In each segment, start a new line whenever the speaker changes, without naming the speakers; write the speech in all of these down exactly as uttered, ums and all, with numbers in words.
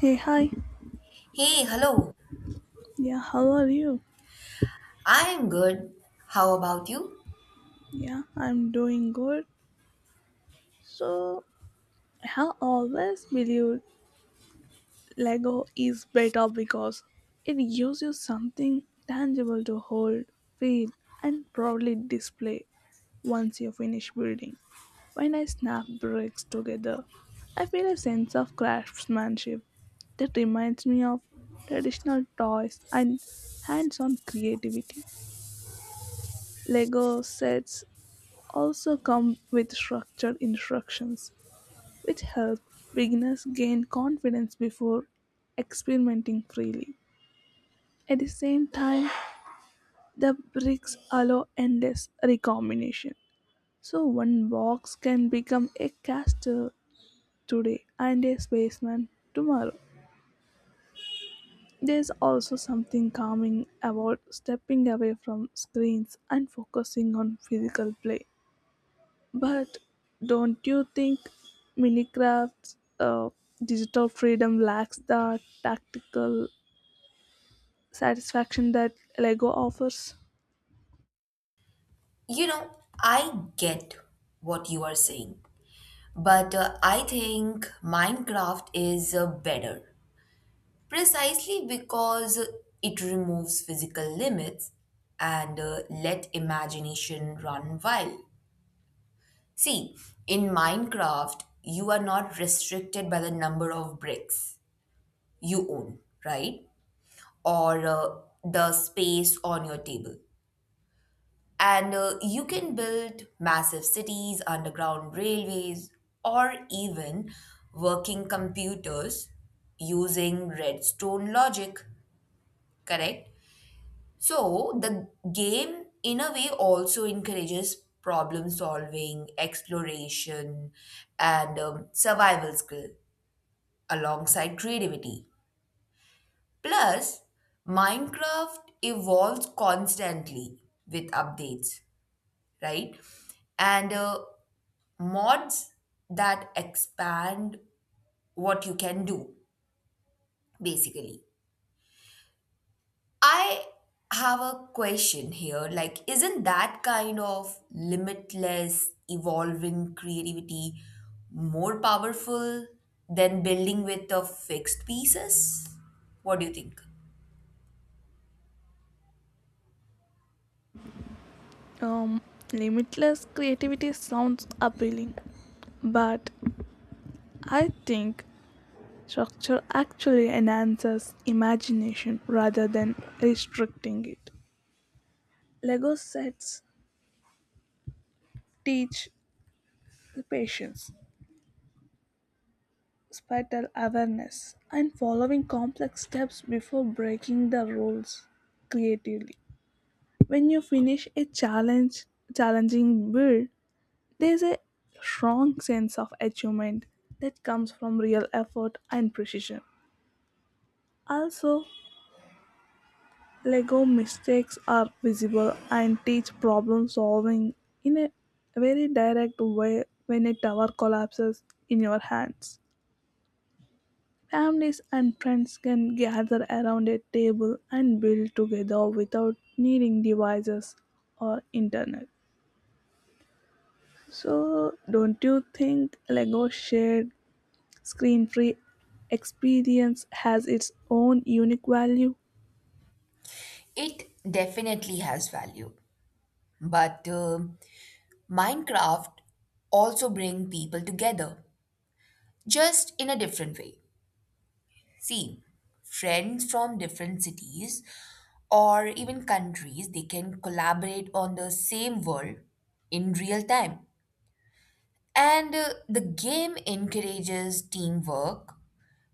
Hey, hi.
Hey, hello.
Yeah, how are you?
I am good. How about you?
Yeah, I'm doing good. So, I have always believed Lego is better because it gives you something tangible to hold, feel, and proudly display once you finish building. When I snap bricks together, I feel a sense of craftsmanship that reminds me of traditional toys and hands on creativity. Lego sets also come with structured instructions, which help beginners gain confidence before experimenting freely. At the same time, the bricks allow endless recombination. So, one box can become a caster today and a spaceman tomorrow. There's also something calming about stepping away from screens and focusing on physical play. But don't you think Minecraft's uh, digital freedom lacks the tactical satisfaction that Lego offers?
You know, I get what you are saying, but uh, I think Minecraft is uh, better precisely because it removes physical limits and uh, let imagination run wild. See, in Minecraft, you are not restricted by the number of bricks you own, right? Or uh, the space on your table. And uh, you can build massive cities, underground railways, or even working computers using redstone logic, correct? So, the game, in a way, also encourages problem solving, exploration, and um, survival skill alongside creativity. Plus, Minecraft evolves constantly with updates, right? And uh, mods that expand what you can do, basically. I have a question here. Like, isn't that kind of limitless, evolving creativity more powerful than building with the fixed pieces? What do you think?
Um, Limitless creativity sounds appealing, but I think structure actually enhances imagination rather than restricting it. Lego sets teach patience, spatial awareness, and following complex steps before breaking the rules creatively. When you finish a challenge, challenging build, there's a strong sense of achievement that comes from real effort and precision. Also, Lego mistakes are visible and teach problem solving in a very direct way when a tower collapses in your hands. Families and friends can gather around a table and build together without needing devices or internet. So, don't you think Lego shared screen free experience has its own unique value?
It definitely has value, but uh, Minecraft also bring people together, just in a different way. See, friends from different cities or even countries, they can collaborate on the same world in real time. And uh, the game encourages teamwork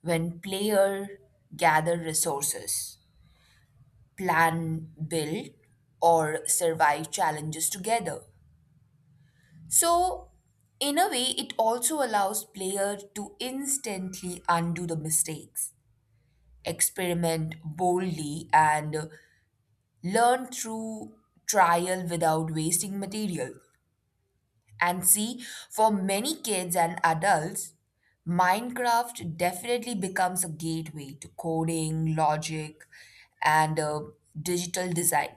when players gather resources, plan, build or survive challenges together. So, in a way, it also allows players to instantly undo the mistakes, experiment boldly, and learn through trial without wasting material. And see, for many kids and adults, Minecraft definitely becomes a gateway to coding, logic, and uh, digital design.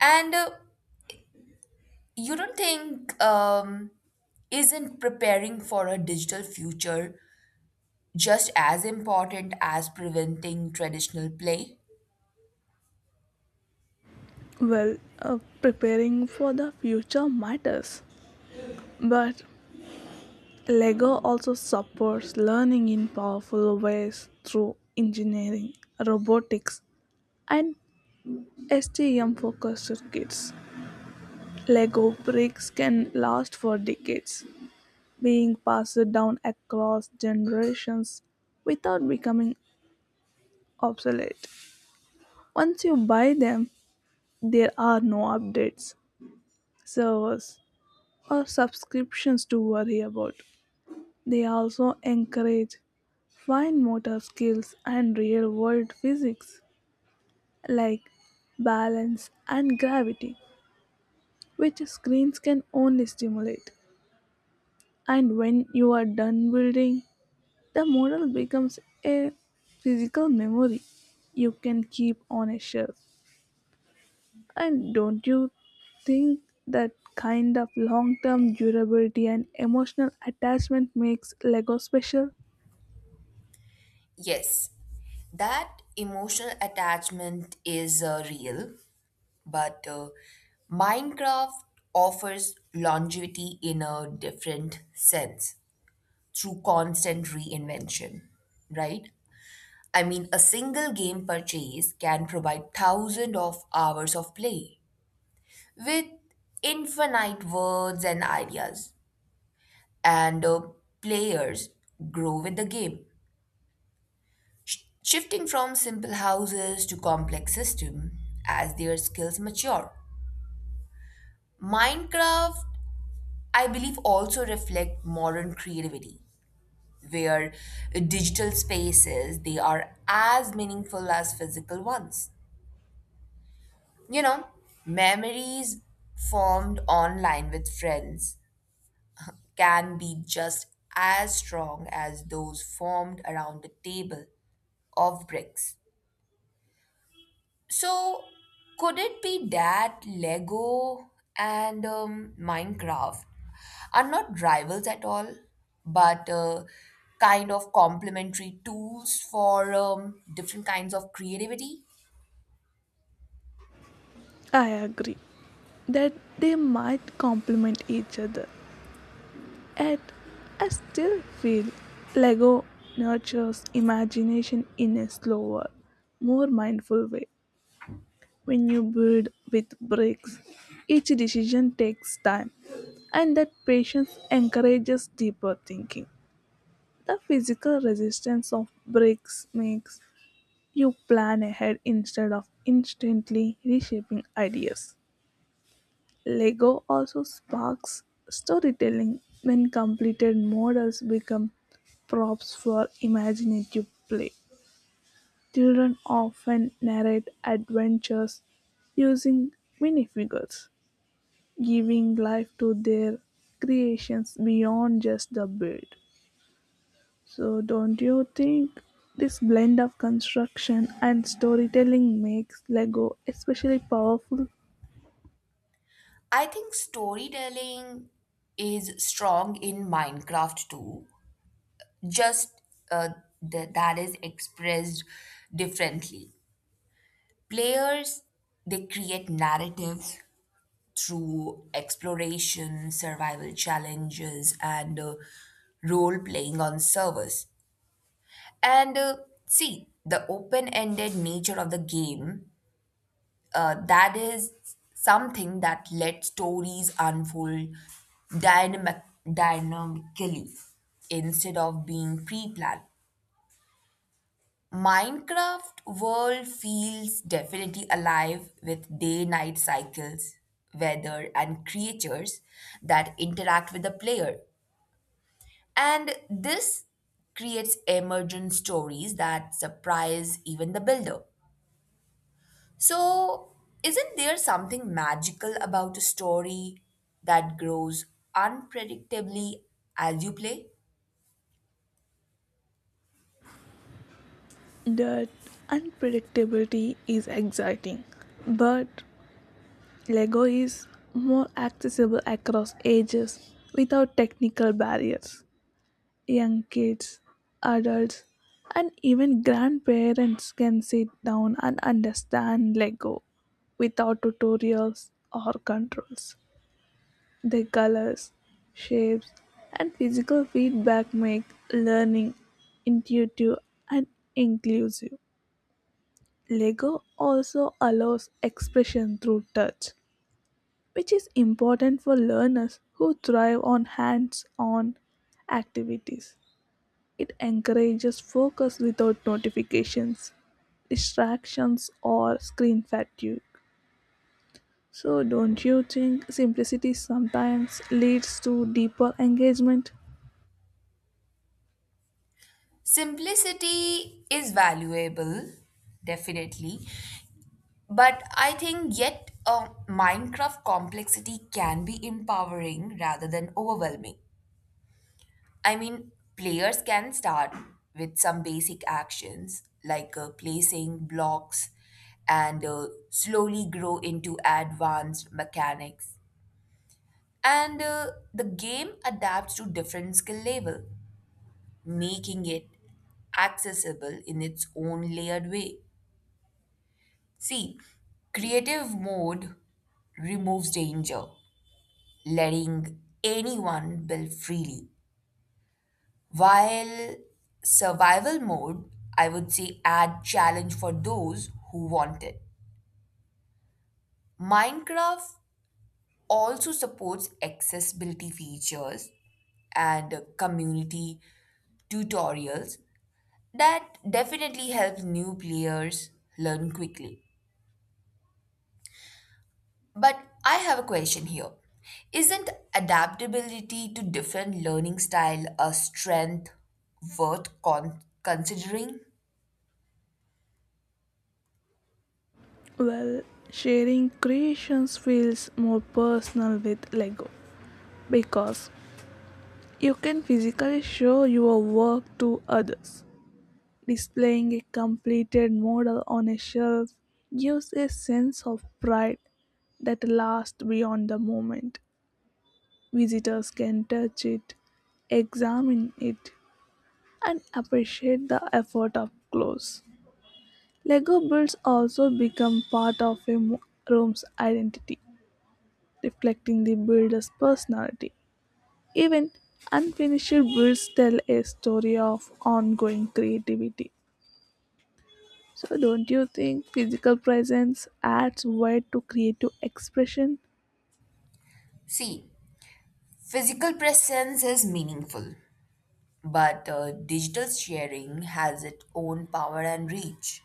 And uh, you don't think um, isn't preparing for a digital future just as important as preventing traditional play?
Well, uh, preparing for the future matters, but Lego also supports learning in powerful ways through engineering, robotics, and S T M focused kits. Lego bricks can last for decades, being passed down across generations without becoming obsolete. Once you buy them, there are no updates, servers, or subscriptions to worry about. They also encourage fine motor skills and real world physics like balance and gravity, which screens can only stimulate. And when you are done building, the model becomes a physical memory you can keep on a shelf. And don't you think that kind of long term durability and emotional attachment makes Lego special?
Yes, that emotional attachment is uh, real, but uh, Minecraft offers longevity in a different sense through constant reinvention, right? I mean, a single game purchase can provide thousands of hours of play with infinite words and ideas, and uh, players grow with the game, sh- shifting from simple houses to complex systems as their skills mature. Minecraft, I believe, also reflect modern creativity, where digital spaces they are as meaningful as physical ones. You know, memories formed online with friends can be just as strong as those formed around a table of bricks. So, could it be that Lego and um, Minecraft are not rivals at all, but uh, kind of complementary tools for um, different kinds of creativity?
I agree that they might complement each other. Yet, I still feel Lego nurtures imagination in a slower, more mindful way. When you build with bricks, each decision takes time, and that patience encourages deeper thinking. The physical resistance of bricks makes you plan ahead instead of instantly reshaping ideas. Lego also sparks storytelling when completed models become props for imaginative play. Children often narrate adventures using minifigures, giving life to their creations beyond just the build. So, don't you think this blend of construction and storytelling makes Lego especially powerful?
I think storytelling is strong in Minecraft too, just uh, th- that is expressed differently. Players, they create narratives through exploration, survival challenges, and uh, role playing on servers. And uh, see, the open ended nature of the game, uh, that is something that let stories unfold dynamic- dynamically instead of being pre planned. Minecraft world feels definitely alive with day-night cycles, weather, and creatures that interact with the player. And this creates emergent stories that surprise even the builder. So, isn't there something magical about a story that grows unpredictably as you play?
That unpredictability is exciting, but Lego is more accessible across ages without technical barriers. Young kids, adults, and even grandparents can sit down and understand Lego without tutorials or controls. The colors, shapes, and physical feedback make learning intuitive and inclusive. Lego also allows expression through touch, which is important for learners who thrive on hands on activities. It encourages focus without notifications, distractions, or screen fatigue. So, don't you think simplicity sometimes leads to deeper engagement?
Simplicity is valuable, definitely, but I think yet a Minecraft complexity can be empowering rather than overwhelming. I mean, players can start with some basic actions like uh, placing blocks and uh, slowly grow into advanced mechanics. And uh, the game adapts to different skill level, making it accessible in its own layered way. See, creative mode removes danger letting anyone build freely. While survival mode, I would say, add challenge for those who want it. Minecraft also supports accessibility features and uh, community tutorials that definitely help new players learn quickly. But I have a question here. Isn't adaptability to different learning style a strength worth con- considering?
Well, sharing creations feels more personal with Lego because you can physically show your work to others. Displaying a completed model on a shelf gives a sense of pride that lasts beyond the moment. Visitors can touch it, examine it, and appreciate the effort up close. Lego builds also become part of a mo- room's identity, reflecting the builder's personality. Even unfinished builds tell a story of ongoing creativity. So, don't you think physical presence adds weight to creative expression?
See, physical presence is meaningful, but uh, digital sharing has its own power and reach.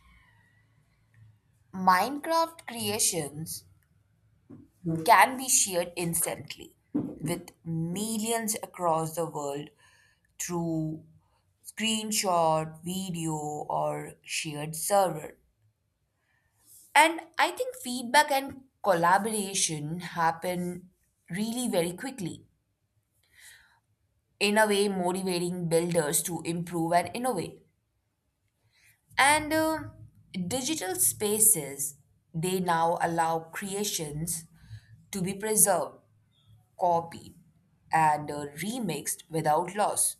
Minecraft creations can be shared instantly with millions across the world through screenshot, video, or shared server. And I think feedback and collaboration happen really very quickly, in a way, motivating builders to improve and innovate. And uh, digital spaces, they now allow creations to be preserved, copied, and uh, remixed without loss.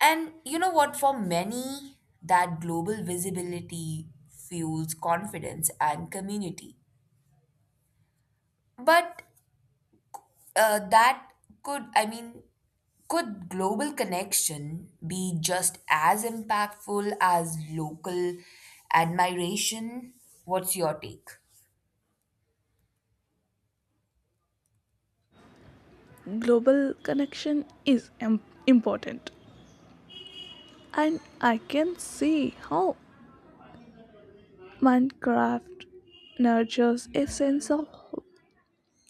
And you know what? For many, that global visibility fuels confidence and community. But uh, that could, I mean, could global connection be just as impactful as local admiration? What's your take?
Global connection is im- important. And I can see how Minecraft nurtures a sense of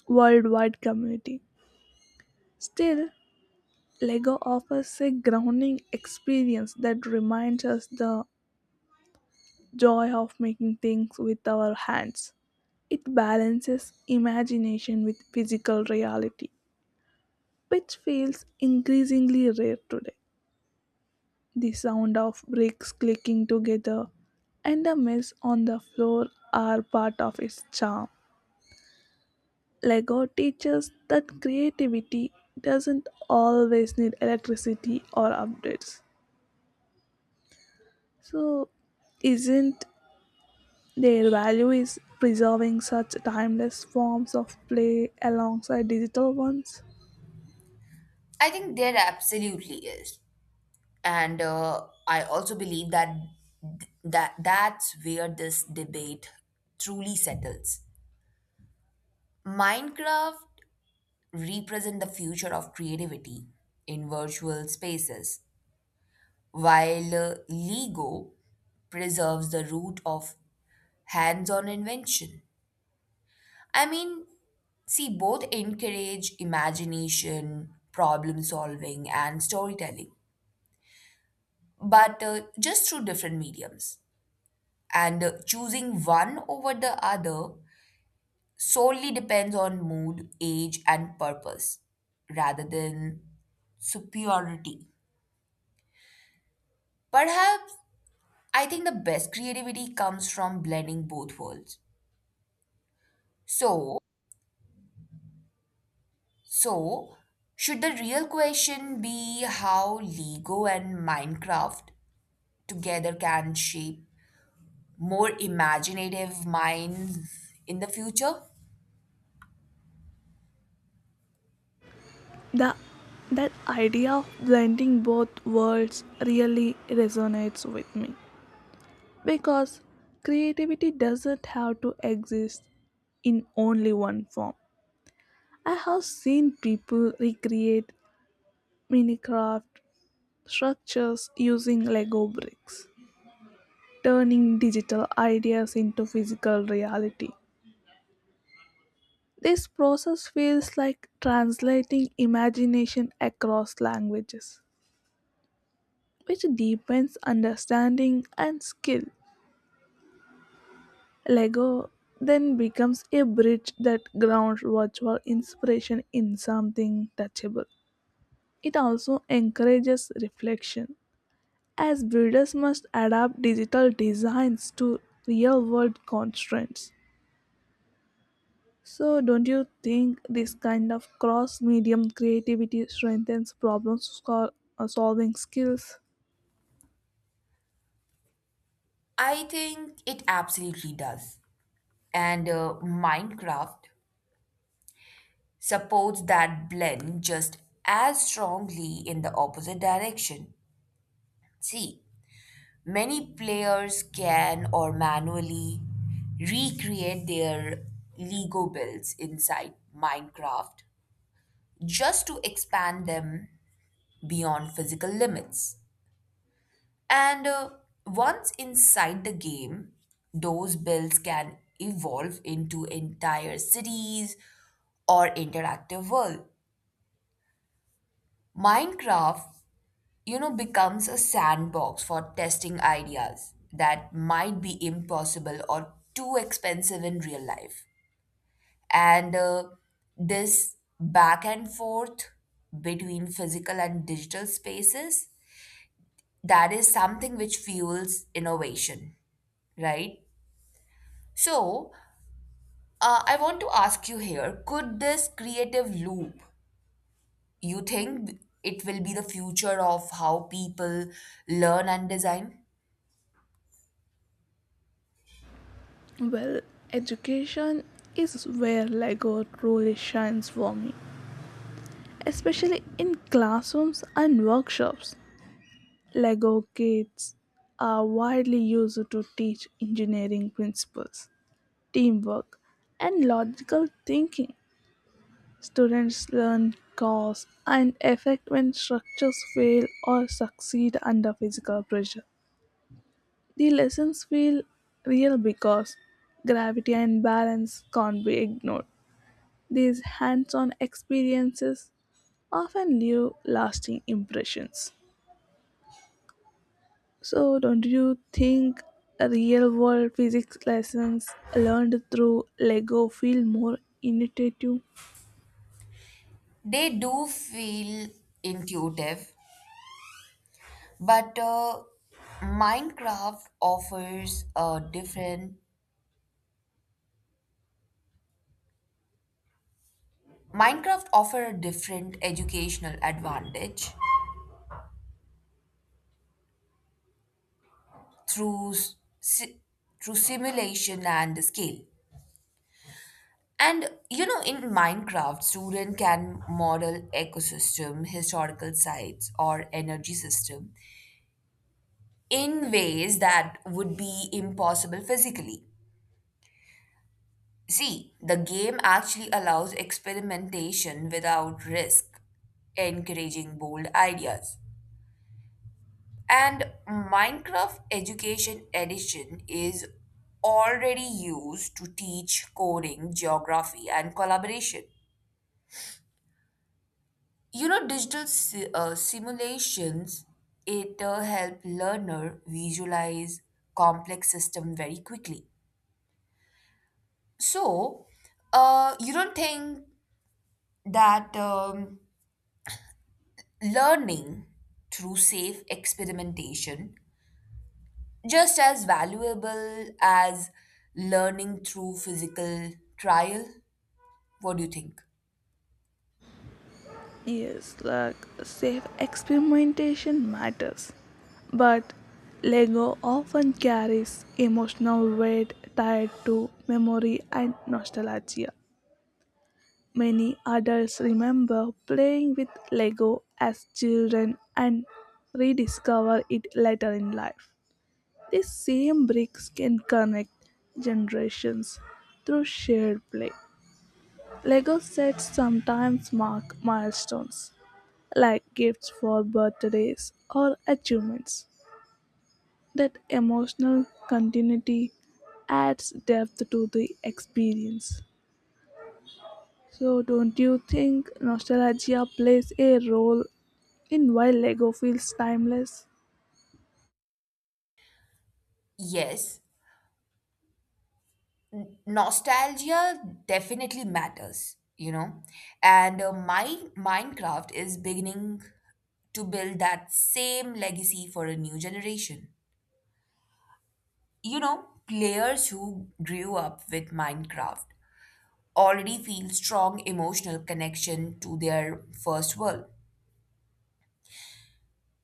worldwide community. Still, Lego offers a grounding experience that reminds us the joy of making things with our hands. It balances imagination with physical reality, which feels increasingly rare today. The sound of bricks clicking together and the mess on the floor are part of its charm. Lego teaches that creativity doesn't always need electricity or updates. So, isn't their value is preserving such timeless forms of play alongside digital ones?
I think there absolutely is, and uh, I also believe that that that's where this debate truly settles. Minecraft represent the future of creativity in virtual spaces while uh, LEGO preserves the root of hands on invention. I mean, see, both encourage imagination, problem solving, and storytelling, but uh, just through different mediums. And uh, choosing one over the other solely depends on mood, age, and purpose rather than superiority. Perhaps I think the best creativity comes from blending both worlds. So, So, should the real question be how Lego and Minecraft together can shape more imaginative minds in the future?
The That idea of blending both worlds really resonates with me because creativity doesn't have to exist in only one form. I have seen people recreate Minecraft structures using Lego bricks, turning digital ideas into physical reality. This process feels like translating imagination across languages, which deepens understanding and skill. Lego then becomes a bridge that grounds virtual inspiration in something touchable. It also encourages reflection, as builders must adapt digital designs to real world constraints. So, don't you think this kind of cross medium creativity strengthens problem sol- uh, solving skills?
I think it absolutely does. And uh, Minecraft supports that blend just as strongly in the opposite direction. See, many players can or manually recreate their Lego builds inside Minecraft just to expand them beyond physical limits. And uh, once inside the game, those builds can evolve into entire cities or interactive world. Minecraft, you know, becomes a sandbox for testing ideas that might be impossible or too expensive in real life. And uh, this back and forth between physical and digital spaces that is something which fuels innovation, right? So, uh, I want to ask you here, could this creative loop, you think it will be the future of how people learn and design?
Well, education is where Lego truly shines for me, especially in classrooms and workshops. Lego kits are widely used to teach engineering principles, teamwork, and logical thinking. Students learn cause and effect when structures fail or succeed under physical pressure. The lessons feel real because gravity and balance can't be ignored. These hands on experiences often leave lasting impressions. So, don't you think real world physics lessons learned through Lego feel more intuitive?
They do feel intuitive, but uh, Minecraft offers a different Minecraft offer a different educational advantage through s- through simulation and scale. And you know, in Minecraft, student can model ecosystem, historical sites, or energy system in ways that would be impossible physically. See, the game actually allows experimentation without risk, encouraging bold ideas. And Minecraft Education Edition is already used to teach coding, geography, and collaboration. You know, digital si- uh, simulations, it uh, help learner visualize complex system very quickly. So, uh, you don't think that um, learning through safe experimentation just as valuable as learning through physical trial? What do you think?
Yes, like safe experimentation matters, but Lego often carries emotional weight tied to memory and nostalgia. Many adults remember playing with Lego as children and rediscover it later in life. These same bricks can connect generations through shared play. Lego sets sometimes mark milestones like gifts for birthdays or achievements. That emotional continuity adds depth to the experience. So, don't you think nostalgia plays a role in why Lego feels timeless?
Yes, nostalgia definitely matters, you know, and uh, my minecraft is beginning to build that same legacy for a new generation. You know, players who grew up with minecraft already feel strong emotional connection to their first world,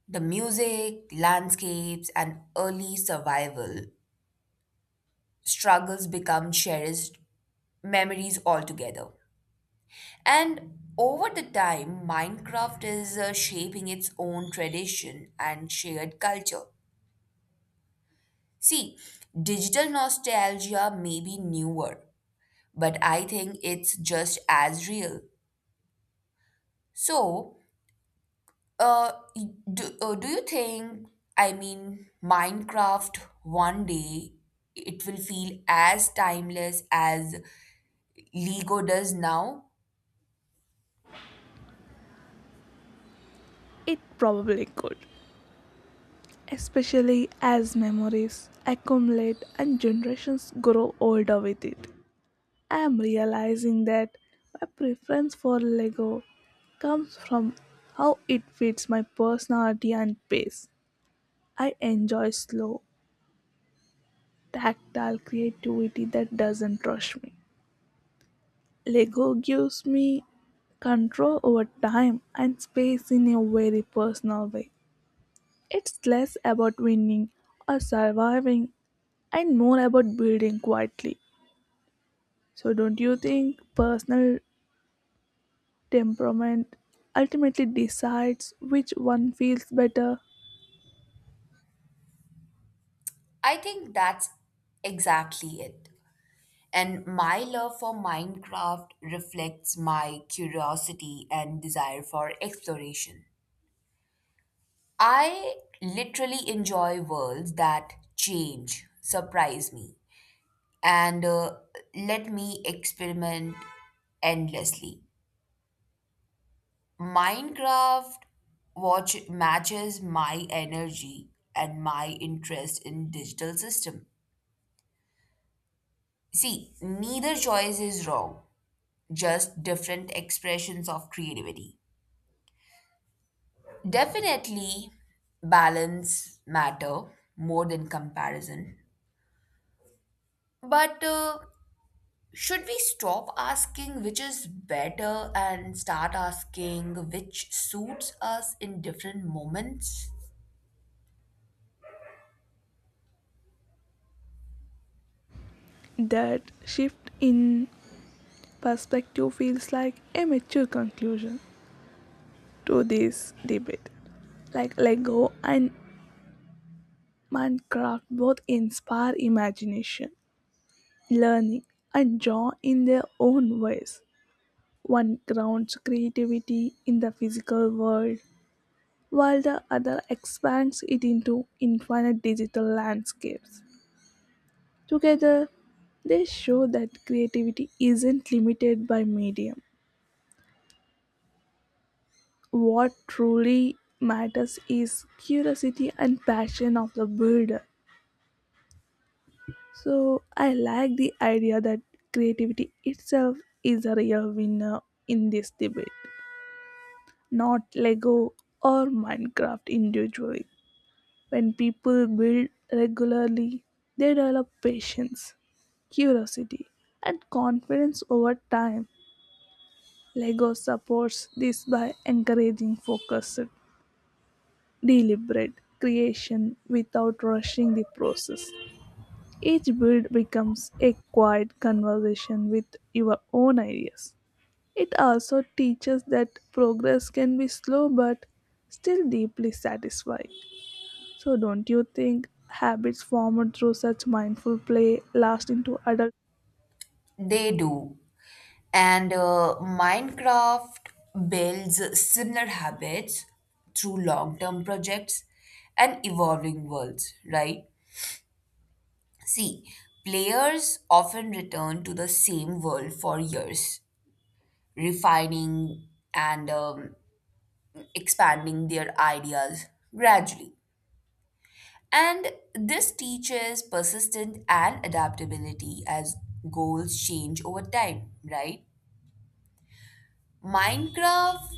the music landscapes and early survival struggles become cherished memories altogether. And over the time, Minecraft is uh, shaping its own tradition and shared culture. See, digital nostalgia may be newer, but I think it's just as real. So, uh, y- do, uh, do you think, I mean, Minecraft one day it will feel as timeless as Lego does now?
It probably could, especially as memories accumulate and generations grow older with it. I'm realizing that my preference for Lego comes from how it fits my personality and pace. I enjoy slow, tactile creativity that doesn't rush me. Lego gives me control over time and space in a very personal way. It's less about winning or surviving and more about building quietly. So, don't you think personal temperament ultimately decides which one feels better.
I think that's exactly it. And my love for Minecraft reflects my curiosity and desire for exploration. I literally enjoy worlds that change, surprise me, and uh, let me experiment endlessly. Minecraft watch matches my energy and my interest in digital system. See, neither choice is wrong, just different expressions of creativity. Definitely, balance matter more than comparison. But uh, should we stop asking which is better and start asking which suits us in different moments?
That shift in perspective feels like a mature conclusion to this debate. Like Lego and Minecraft both inspire imagination, learning, and joy in their own ways. One grounds creativity in the physical world, while the other expands it into infinite digital landscapes. Together, they show that creativity isn't limited by medium. What truly matters is curiosity and passion of the builder. So, I like the idea that creativity itself is a real winner in this debate, not Lego or Minecraft individually. When people build regularly, they develop patience, curiosity, and confidence over time. Lego supports this by encouraging focused, deliberate creation without rushing the process. Each build becomes a quiet conversation with your own ideas. It also teaches that progress can be slow but still deeply satisfying. So, don't you think habits formed through such mindful play last into adulthood?
They do. And uh, Minecraft builds similar habits through long term projects and evolving worlds, right? See, players often return to the same world for years refining and um, expanding their ideas gradually. And this teaches persistence and adaptability as goals change over time, right? Minecraft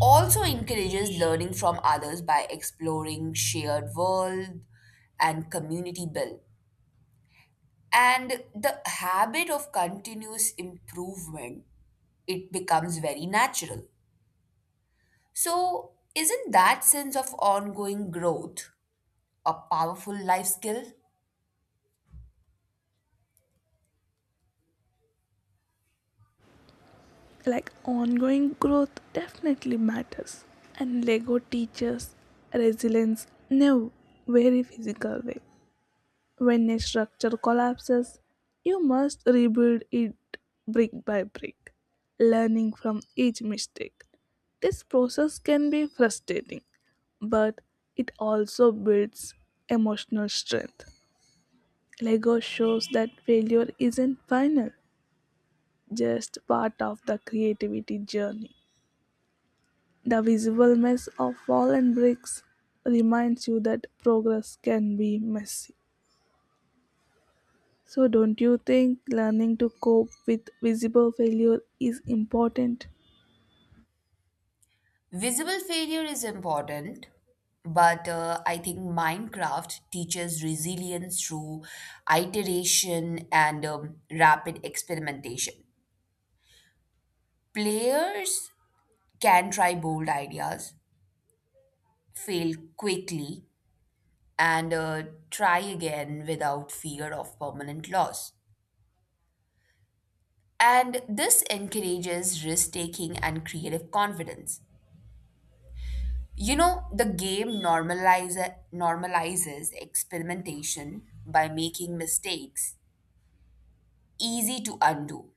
also encourages learning from others by exploring shared world and community build. And the habit of continuous improvement, it becomes very natural. So, isn't that sense of ongoing growth a powerful life skill?
Like ongoing growth definitely matters, and Lego teaches resilience in a very physical way. When a structure collapses, you must rebuild it brick by brick, learning from each mistake. This process can be frustrating, but it also builds emotional strength. Lego shows that failure isn't final, just part of the creativity journey. The visual mess of fallen bricks reminds you that progress can be messy. So, don't you think learning to cope with visible failure is important?
Visible failure is important, but uh, I think Minecraft teaches resilience through iteration and um, rapid experimentation. Players can try bold ideas, fail quickly, and uh, try again without fear of permanent loss. And this encourages risk taking and creative confidence. You know, the game normalize, normalizes experimentation by making mistakes easy to undo.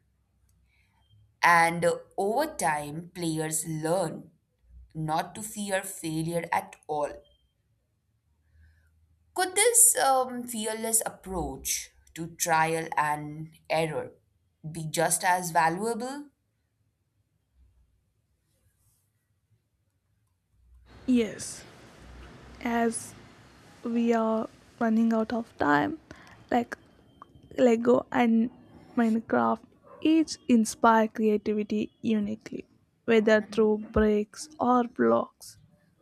And uh, over time, players learn not to fear failure at all. Could this um, fearless approach to trial and error be just as valuable?
Yes, as we are running out of time, like Lego and Minecraft each inspire creativity uniquely, whether through bricks or blocks.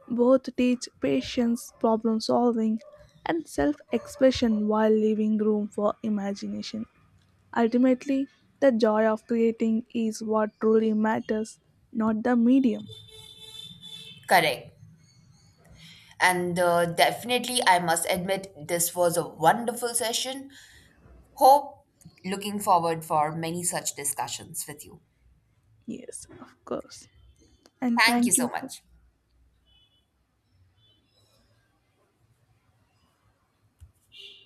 Both teach patience, problem solving, and self expression while leaving room for imagination. Ultimately, the joy of creating is what truly matters, not the medium.
Correct. And uh, definitely, I must admit, this was a wonderful session. Hope looking forward for many such discussions with you.
Yes, of course. And
Thank you
thank you
so
for
much.